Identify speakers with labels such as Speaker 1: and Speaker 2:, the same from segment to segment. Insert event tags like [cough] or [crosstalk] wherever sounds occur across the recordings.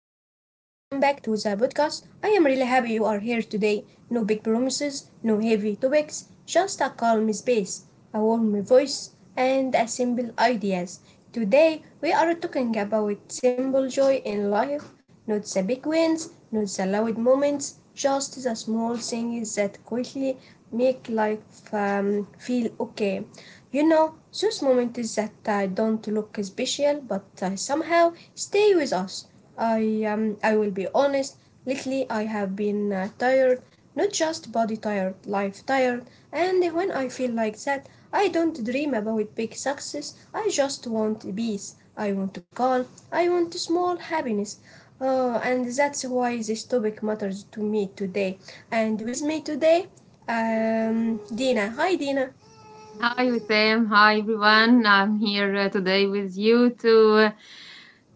Speaker 1: welcome back to the podcast. I am really happy you are here today. No big promises, no heavy topics, just a calm space, a warm voice, and a simple ideas. Today we are talking about simple joy in life, not the big wins, not the loud moments, just the small things that quickly make life feel okay. You know, those moments that don't look special but somehow stay with us. I will be honest. Lately, I have been tired, not just body tired, life tired. And when I feel like that, I don't dream about big success. I just want peace. I want calm. I want small happiness. Oh, and that's why this topic matters to me today. And with me today, Dina. Hi, Dina.
Speaker 2: Hi, Wissam. Hi, everyone. I'm here today with you to uh,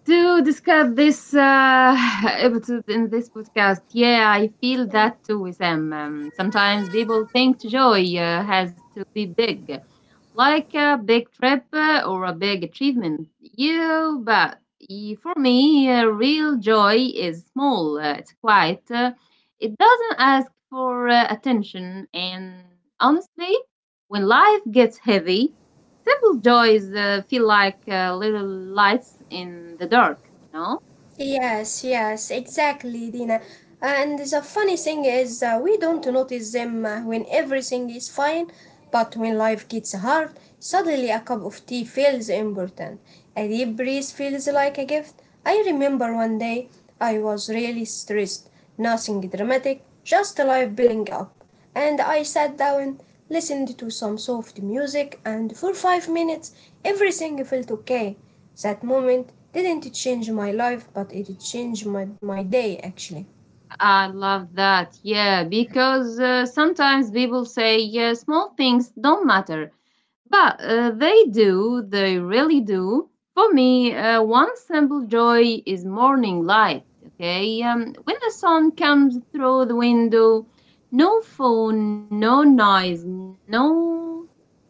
Speaker 2: to discuss this [laughs] episode in this podcast. Yeah, I feel that too, Wissam. Sometimes people think joy has to be big, like a big trip or a big achievement. Yeah, but for me, real joy is small. It's quiet. It doesn't ask for attention. And honestly, when life gets heavy, simple joys feel like little lights in the dark.
Speaker 1: Yes, yes, exactly, Dina. And the funny thing is, we don't notice them when everything is fine, but when life gets hard, suddenly a cup of tea feels important. A deep breeze feels like a gift. I remember one day I was really stressed, nothing dramatic, just life building up and I sat down, listened to some soft music, and for 5 minutes everything felt okay. That moment didn't change my life, but it changed my day actually.
Speaker 2: I love that, yeah, because sometimes people say, yeah, small things don't matter, but they do they really do. For me, one simple joy is morning light. Okay. Um, when the sun comes through the window, no phone, no noise, no,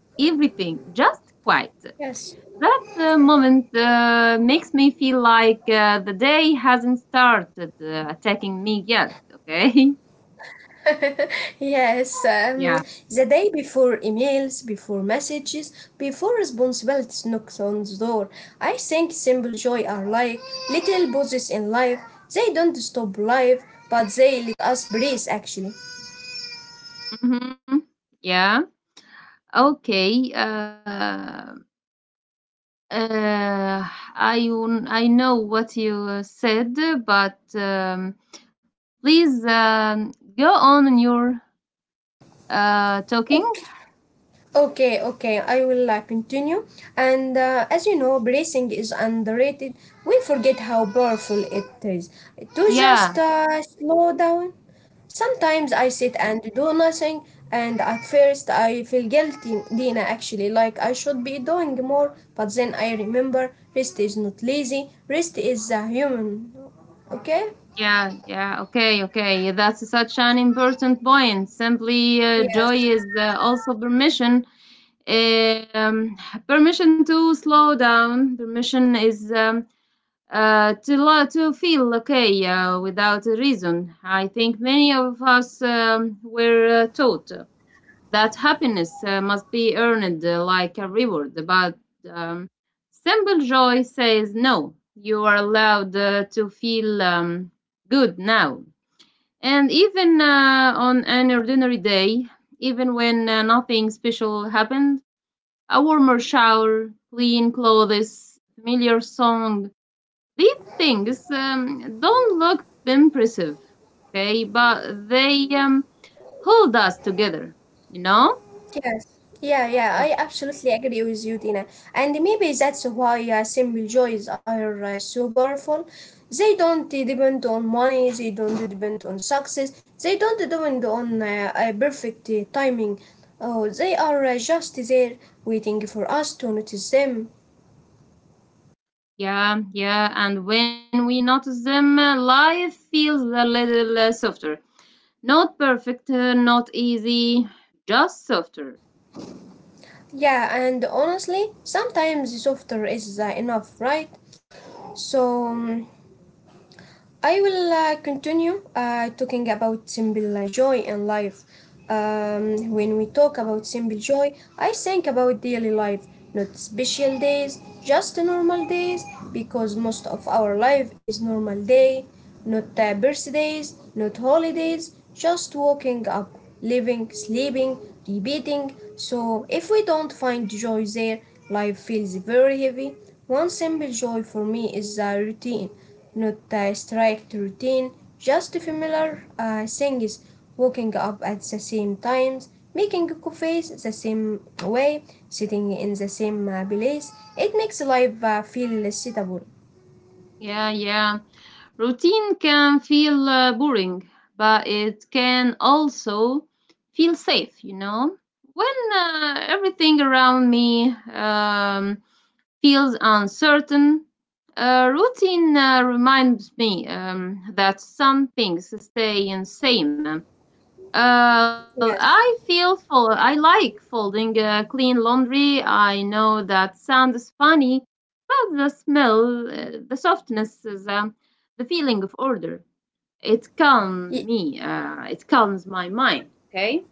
Speaker 2: everything just quiet.
Speaker 1: Yes.
Speaker 2: That moment makes me feel like the day hasn't started attacking me yet, okay? [laughs]
Speaker 1: [laughs] Yes. Um,
Speaker 2: Yeah.
Speaker 1: the day before emails, before messages, before responsibilities knocked on the door, I think simple joy are like little pauses in life. They don't stop life, but they let us breathe actually.
Speaker 2: Hmm. Yeah. Okay. Uh, I know what you said, but please go on in your talking.
Speaker 1: Okay, okay, I will continue. And as you know, bracing is underrated. We forget how powerful it is. To just
Speaker 2: Yeah.
Speaker 1: slow down. Sometimes I sit and do nothing, and at first I feel guilty, Dina, actually, like I should be doing more, but then I remember rest is not lazy, rest is human. Okay?
Speaker 2: Yeah, yeah, okay, okay. That's such an important point. Simply,
Speaker 1: Yes.
Speaker 2: joy is also permission. Um, permission to slow down. Permission is to feel okay without a reason. I think many of us were taught that happiness must be earned like a reward, but um, simple joy says no. You are allowed to feel good now. And even on an ordinary day, even when nothing special happened, a warmer shower, clean clothes, familiar song, these things don't look impressive, okay? But they hold us together, you know?
Speaker 1: Yes. Yeah, yeah, I absolutely agree with you, Dina. And maybe that's why simple joys are so powerful. They don't depend on money, they don't depend on success, they don't depend on perfect timing. Oh, they are just there waiting for us to notice them.
Speaker 2: Yeah, yeah, and when we notice them, life feels a little softer. Not perfect, not easy, just softer.
Speaker 1: Yeah, and honestly, sometimes softer is enough, right? So. um, I will continue talking about simple joy in life. When we talk about simple joy, I think about daily life, not special days, just normal days, because most of our life is normal day, not birthdays, not holidays, just waking up, living, sleeping, repeating. So if we don't find joy there, life feels very heavy. One simple joy for me is the routine, not a strict routine, just familiar things, waking up at the same times, making coffees the same way, sitting in the same place. It makes life feel suitable.
Speaker 2: Yeah, yeah. Routine can feel boring, but it can also feel safe, you know? When everything around me feels uncertain, routine reminds me that some things stay the same. I
Speaker 1: Yes.
Speaker 2: feel full. I like folding clean laundry. I know that sounds funny, but the smell, the softness, is, the feeling of order. It calms
Speaker 1: Y-
Speaker 2: me. It calms my mind. Okay.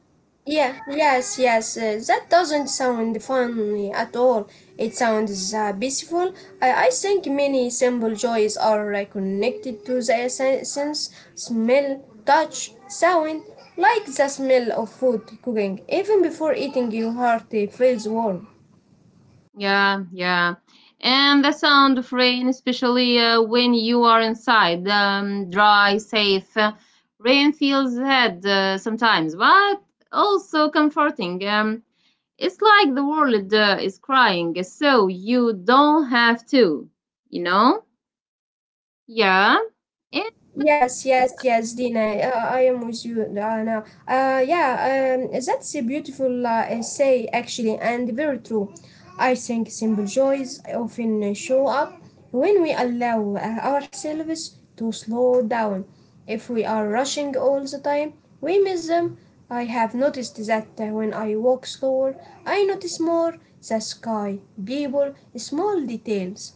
Speaker 1: Yeah, yes, yes. That doesn't sound funny at all. It sounds peaceful. I think many simple joys are connected to the sense, smell, touch, sound, like the smell of food cooking. Even before eating, your heart feels warm.
Speaker 2: Yeah, yeah. And the sound of rain, especially when you are inside, dry, safe. Rain feels head sometimes, but also comforting. It's like the world is crying, so you don't have to, you know? Yeah, it,
Speaker 1: Yes, yes, yes, Dina. I am with you now. Yeah, that's a beautiful essay actually, and very true. I think simple joys often show up when we allow ourselves to slow down. If we are rushing all the time, we miss them. I have noticed that when I walk slower, I notice more the sky, people, small details.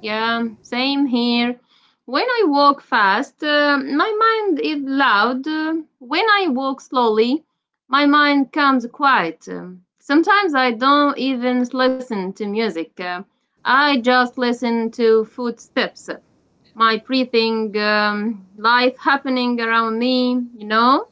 Speaker 2: yeah, same here. When I walk fast, my mind is loud. When I walk slowly, my mind comes quiet. Sometimes I don't even listen to music. I just listen to footsteps, my breathing, life happening around me, you know?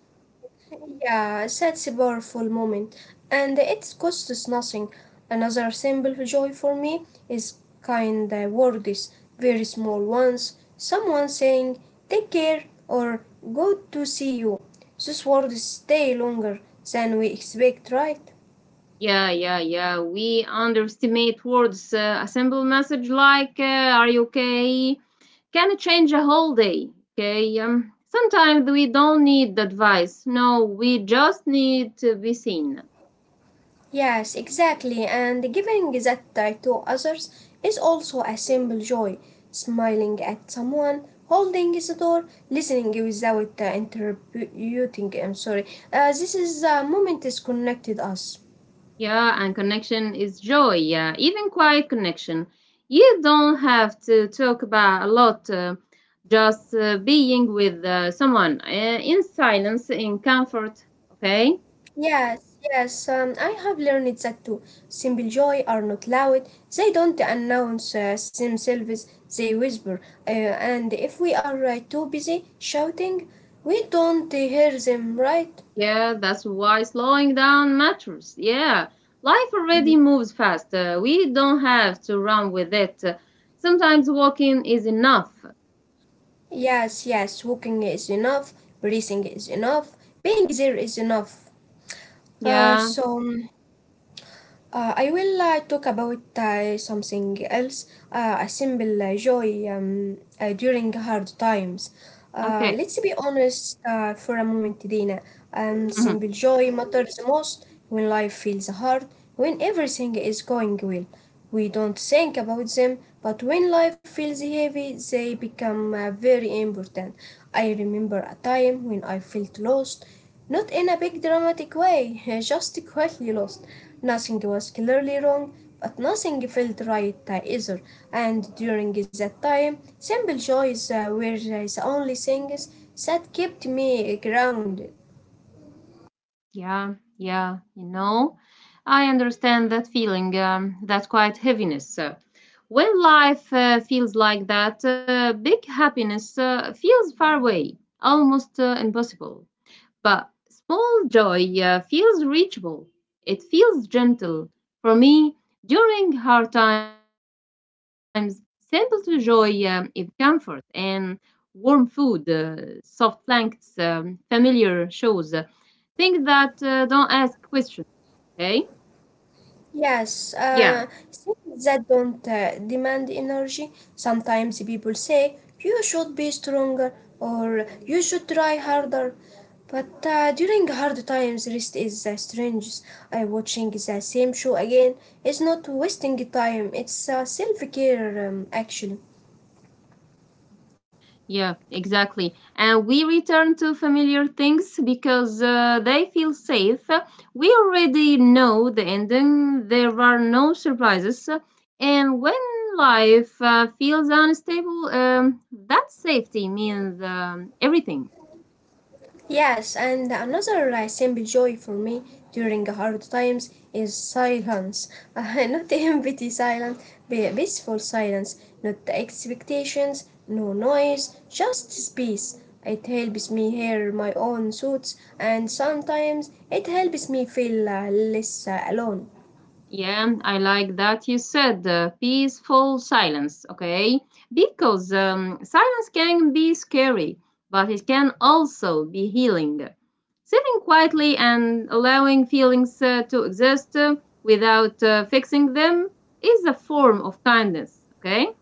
Speaker 1: Yeah, that's a powerful moment, and it costs us nothing. Another simple joy for me is kind words, very small ones. Someone saying "take care" or "good to see you." Those words stay longer than we expect, right?
Speaker 2: Yeah, yeah, yeah. We underestimate words. A simple message like "Are you okay?" can change a whole day. Okay. Sometimes we don't need advice. No, we just need to be seen.
Speaker 1: Yes, exactly. And giving that to others is also a simple joy. Smiling at someone, holding the door, listening without interrupting. I'm sorry. This is the moment is connected us.
Speaker 2: Yeah, and connection is joy. Yeah, even quiet connection. You don't have to talk about a lot. Just being with someone in silence, in comfort. Okay.
Speaker 1: Yes, yes. I have learned that too. Simple joy are not loud. They don't announce themselves. They whisper. Uh, and if we are too busy shouting, we don't hear them. Right?
Speaker 2: Yeah, that's why slowing down matters. Yeah, life already moves fast. We don't have to run with it. Sometimes walking is enough.
Speaker 1: Yes, yes, walking is enough, breathing is enough, being there is enough. Uh,
Speaker 2: Yeah,
Speaker 1: so, um, uh, I will talk about something else a simple joy during hard times. Uh,
Speaker 2: okay.
Speaker 1: let's be honest for a moment, Dina. Um,
Speaker 2: Hmm.
Speaker 1: simple joy matters the most when life feels hard, when everything is going well. We don't think about them, but when life feels heavy, they become very important. I remember a time when I felt lost, not in a big dramatic way, [laughs] just quietly lost. Nothing was clearly wrong, but nothing felt right either. And during that time, simple joys were the only things that kept me grounded.
Speaker 2: Yeah, yeah, you know, I understand that feeling, that quiet heaviness. When life feels like that, big happiness feels far away, almost impossible. But small joy feels reachable. It feels gentle. For me, during hard times, simple to joy is comfort and warm food, soft blankets, familiar shows, things that don't ask questions. Okay? Yeah.
Speaker 1: Yes, things that don't demand energy. Sometimes people say you should be stronger or you should try harder. But during hard times, rest is the strangest. I watching the same show again is not wasting time. It's self care actually.
Speaker 2: Yeah, exactly. And we return to familiar things because they feel safe. We already know the ending, there are no surprises. And when life feels unstable, that safety means everything.
Speaker 1: Yes, and another simple joy for me during hard times is silence. [laughs] Not empty silence, but peaceful silence. Not expectations, no noise, just space. It helps me hear my own thoughts, and sometimes it helps me feel less alone.
Speaker 2: Yeah, I like that you said peaceful silence, okay? Because silence can be scary, but it can also be healing. Sitting quietly and allowing feelings to exist without fixing them is a form of kindness, okay?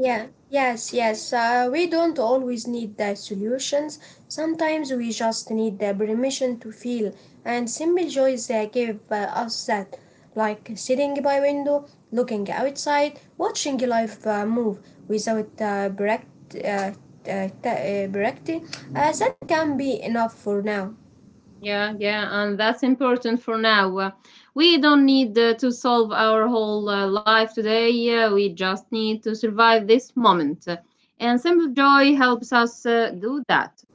Speaker 1: Yeah, yes, yes. We don't always need the solutions. Sometimes we just need the permission to feel, and simple joys give us that, like sitting by window, looking outside, watching life move without bract- t- t- bract- that can be enough for now.
Speaker 2: Yeah, yeah, and that's important for now. We don't need to solve our whole life today. We just need to survive this moment. And simple joy helps us do that.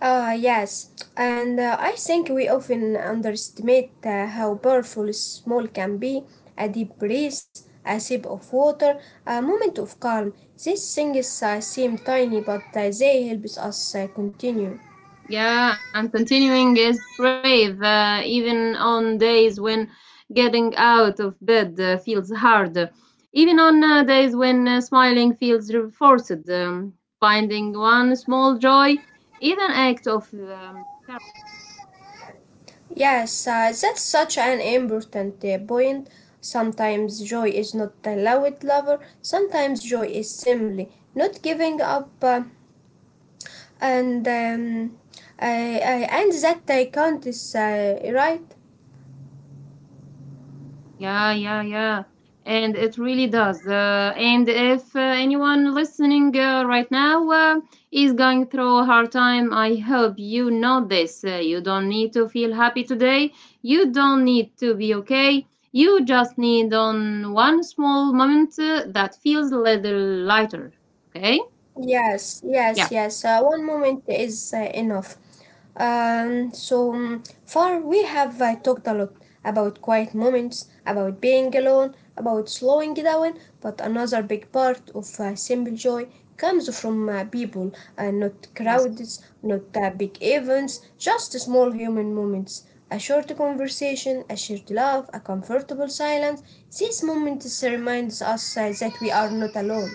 Speaker 1: Ah, yes, and I think we often underestimate how powerful small can be. A deep breath, a sip of water, a moment of calm. These things seem tiny, but they help us continue.
Speaker 2: Yeah, and continuing is brave, even on days when getting out of bed feels hard, even on days when smiling feels forced. Finding one small joy, even act of
Speaker 1: Yes, that's such an important point. Sometimes joy is not a loud lover, sometimes joy is simply not giving up, and um, and that count is right.
Speaker 2: yeah, yeah, yeah. And it really does. And if anyone listening right now is going through a hard time, I hope you know this. You don't need to feel happy today. You don't need to be okay. You just need on one small moment that feels a little lighter. Okay?
Speaker 1: Yes, yes,
Speaker 2: Yeah.
Speaker 1: yes. One moment is enough. So far, we have talked a lot about quiet moments, about being alone, about slowing down. But another big part of simple joy comes from people, not
Speaker 2: Yes.
Speaker 1: crowds, not big events, just small human moments. A short conversation, a shared laugh, a comfortable silence. These moments reminds us that we are not alone.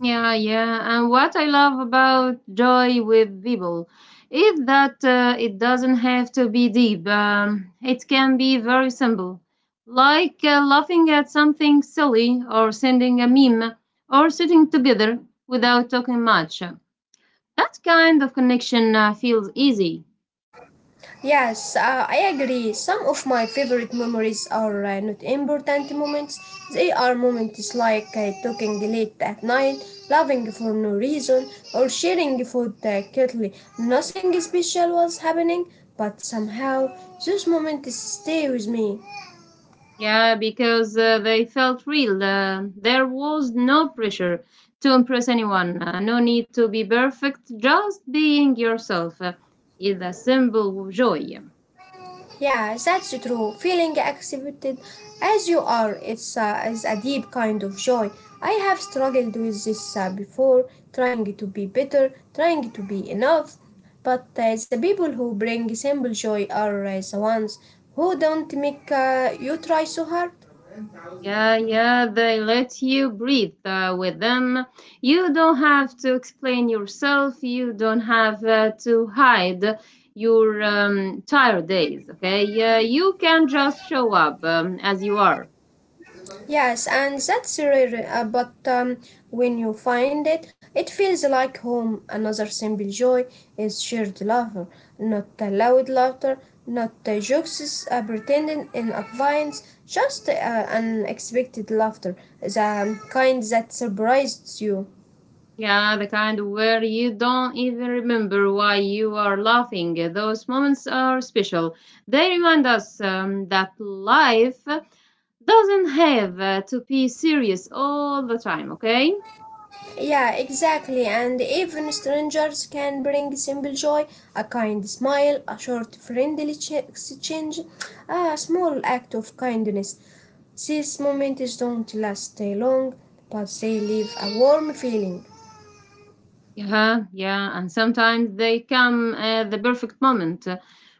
Speaker 2: Yeah, yeah. And what I love about joy with people is that it doesn't have to be deep. It can be very simple, like laughing at something silly or sending a meme or sitting together without talking much. That kind of connection feels easy.
Speaker 1: Yes, I agree. Some of my favorite memories are not important moments. They are moments like talking late at night, laughing for no reason, or sharing food quickly. Nothing special was happening, but somehow those moments stay with me.
Speaker 2: Yeah, because they felt real. There was no pressure to impress anyone, no need to be perfect, just being yourself is a simple joy.
Speaker 1: Yeah, that's true. Feeling accepted as you are it's is a deep kind of joy. I have struggled with this before, trying to be better, trying to be enough. But the people who bring simple joy are the ones who don't make you try so hard.
Speaker 2: Yeah, yeah, they let you breathe with them. You don't have to explain yourself, you don't have to hide your tired days, okay? You can just show up as you are.
Speaker 1: Yes, and that's rare, but when you find it, it feels like home. Another simple joy is shared laughter, not loud laughter, not jokes pretending in advance, just unexpected laughter, the kind that surprises you.
Speaker 2: Yeah, the kind where you don't even remember why you are laughing. Those moments are special. They remind us that life doesn't have to be serious all the time, okay?
Speaker 1: Yeah, exactly. And even strangers can bring simple joy, a kind smile, a short friendly exchange, a small act of kindness. These moments don't last long, but they leave a warm feeling.
Speaker 2: Yeah, yeah, and sometimes they come at the perfect moment.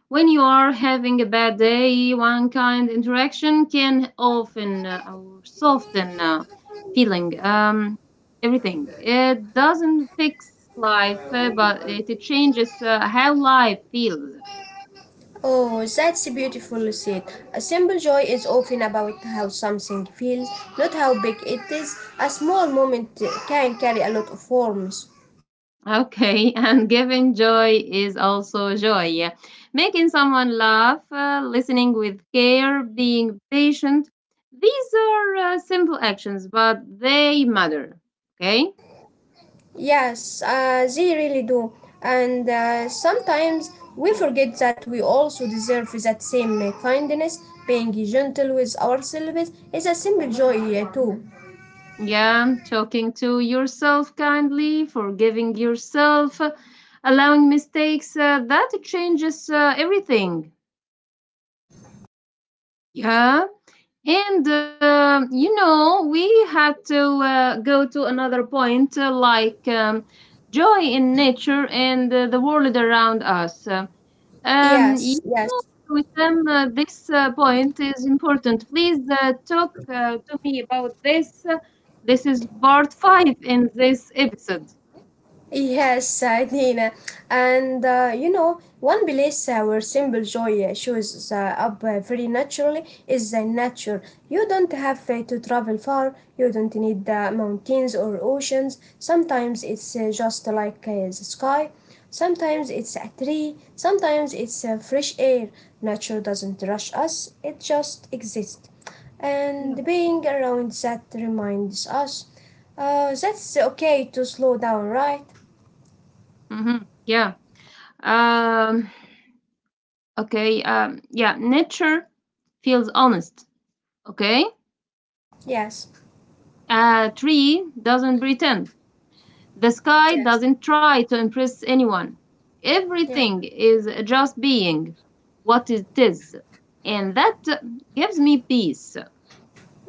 Speaker 2: When you are having a bad day, one kind interaction can often or soften feeling everything. It doesn't fix life, but it changes how life feels.
Speaker 1: Oh, that's beautiful said. A simple joy is often about how something feels, not how big it is. A small moment can carry a lot of warmth.
Speaker 2: Okay, [laughs] and giving joy is also joy. Making someone laugh, listening with care, being patient. These are simple actions, but they matter. Okay?
Speaker 1: Yes, they really do. And sometimes we forget that we also deserve that same kindness. Being gentle with ourselves is a simple joy, too.
Speaker 2: Yeah, talking to yourself kindly, forgiving yourself, allowing mistakes, that changes everything. Yeah? And you know, we had to go to another point like joy in nature and the world around us.
Speaker 1: Yes,
Speaker 2: You
Speaker 1: yes.
Speaker 2: know, with them, this point is important. Please talk to me about this. This is part five in this episode.
Speaker 1: Yes, Nina. And you know, one place where simple joy shows up very naturally is nature. You don't have to travel far, you don't need mountains or oceans. Sometimes it's just like the sky, sometimes it's a tree, sometimes it's fresh air. Nature doesn't rush us, it just exists
Speaker 2: Yeah.
Speaker 1: and being around that reminds us that's okay to slow down, right?
Speaker 2: Hmm. Yeah. Um, okay. Yeah. Nature feels honest. Okay.
Speaker 1: Yes.
Speaker 2: A tree doesn't pretend. The sky
Speaker 1: Yes.
Speaker 2: doesn't try to impress anyone.
Speaker 1: Yeah.
Speaker 2: Everything is just being what it is. And that gives me peace.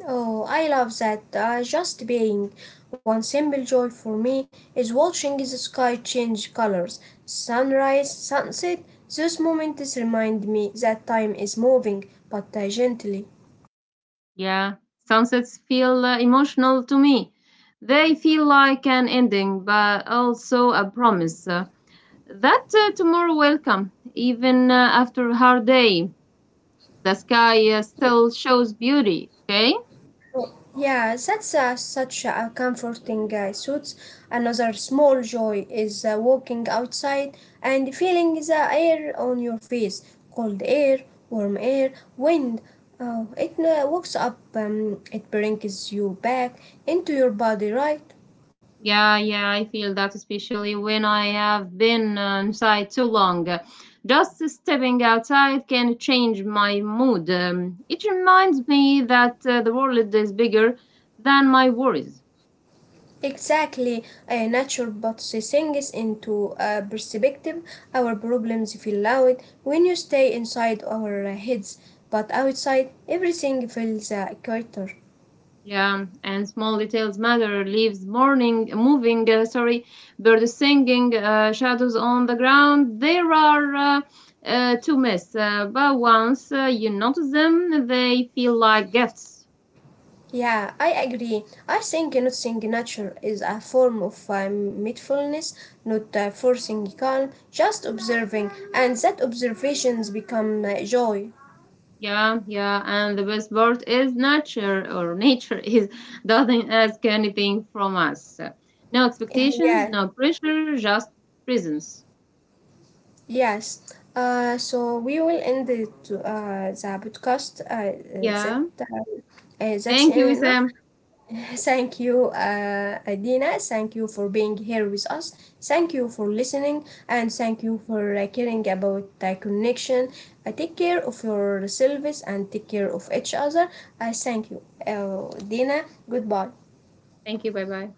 Speaker 1: Oh, I love that. Just being. One simple joy for me is watching the sky change colors. Sunrise, sunset, those moments remind me that time is moving, but gently.
Speaker 2: Yeah, sunsets feel emotional to me. They feel like an ending, but also a promise that tomorrow will come. Even after a hard day, the sky still shows beauty, okay?
Speaker 1: Yeah, that's such a comforting suit. Another small joy is walking outside and feeling the air on your face. Cold air, warm air, wind. It wakes up, it brings you back into your body, right?
Speaker 2: Yeah, yeah, I feel that especially when I have been inside too long. Just stepping outside can change my mood. It reminds me that the world is bigger than my worries.
Speaker 1: Exactly. Nature puts things into perspective. Our problems feel loud when you stay inside our heads, but outside everything feels quieter.
Speaker 2: Yeah, and small details matter. Leaves morning moving, sorry, birds singing, shadows on the ground. There are to miss, but once you notice them, they feel like gifts.
Speaker 1: Yeah, I agree. I think noticing nature is a form of mindfulness, not forcing calm, just observing, and that observations become joy.
Speaker 2: Yeah, yeah, and the best part is nature or [laughs] nature is doesn't ask anything from us. No
Speaker 1: [laughs]
Speaker 2: expectations,
Speaker 1: Yeah,
Speaker 2: no pressure, just presence.
Speaker 1: yes. So we will end it, the podcast.
Speaker 2: Yeah.
Speaker 1: That's
Speaker 2: Thank you,
Speaker 1: enough.
Speaker 2: Isam.
Speaker 1: Thank you, Adina. Thank you for being here with us. Thank you for listening, and thank you for caring about the connection. Take care of yourselves and take care of each other. I Thank you, Dina. Goodbye.
Speaker 2: Thank you. Bye bye.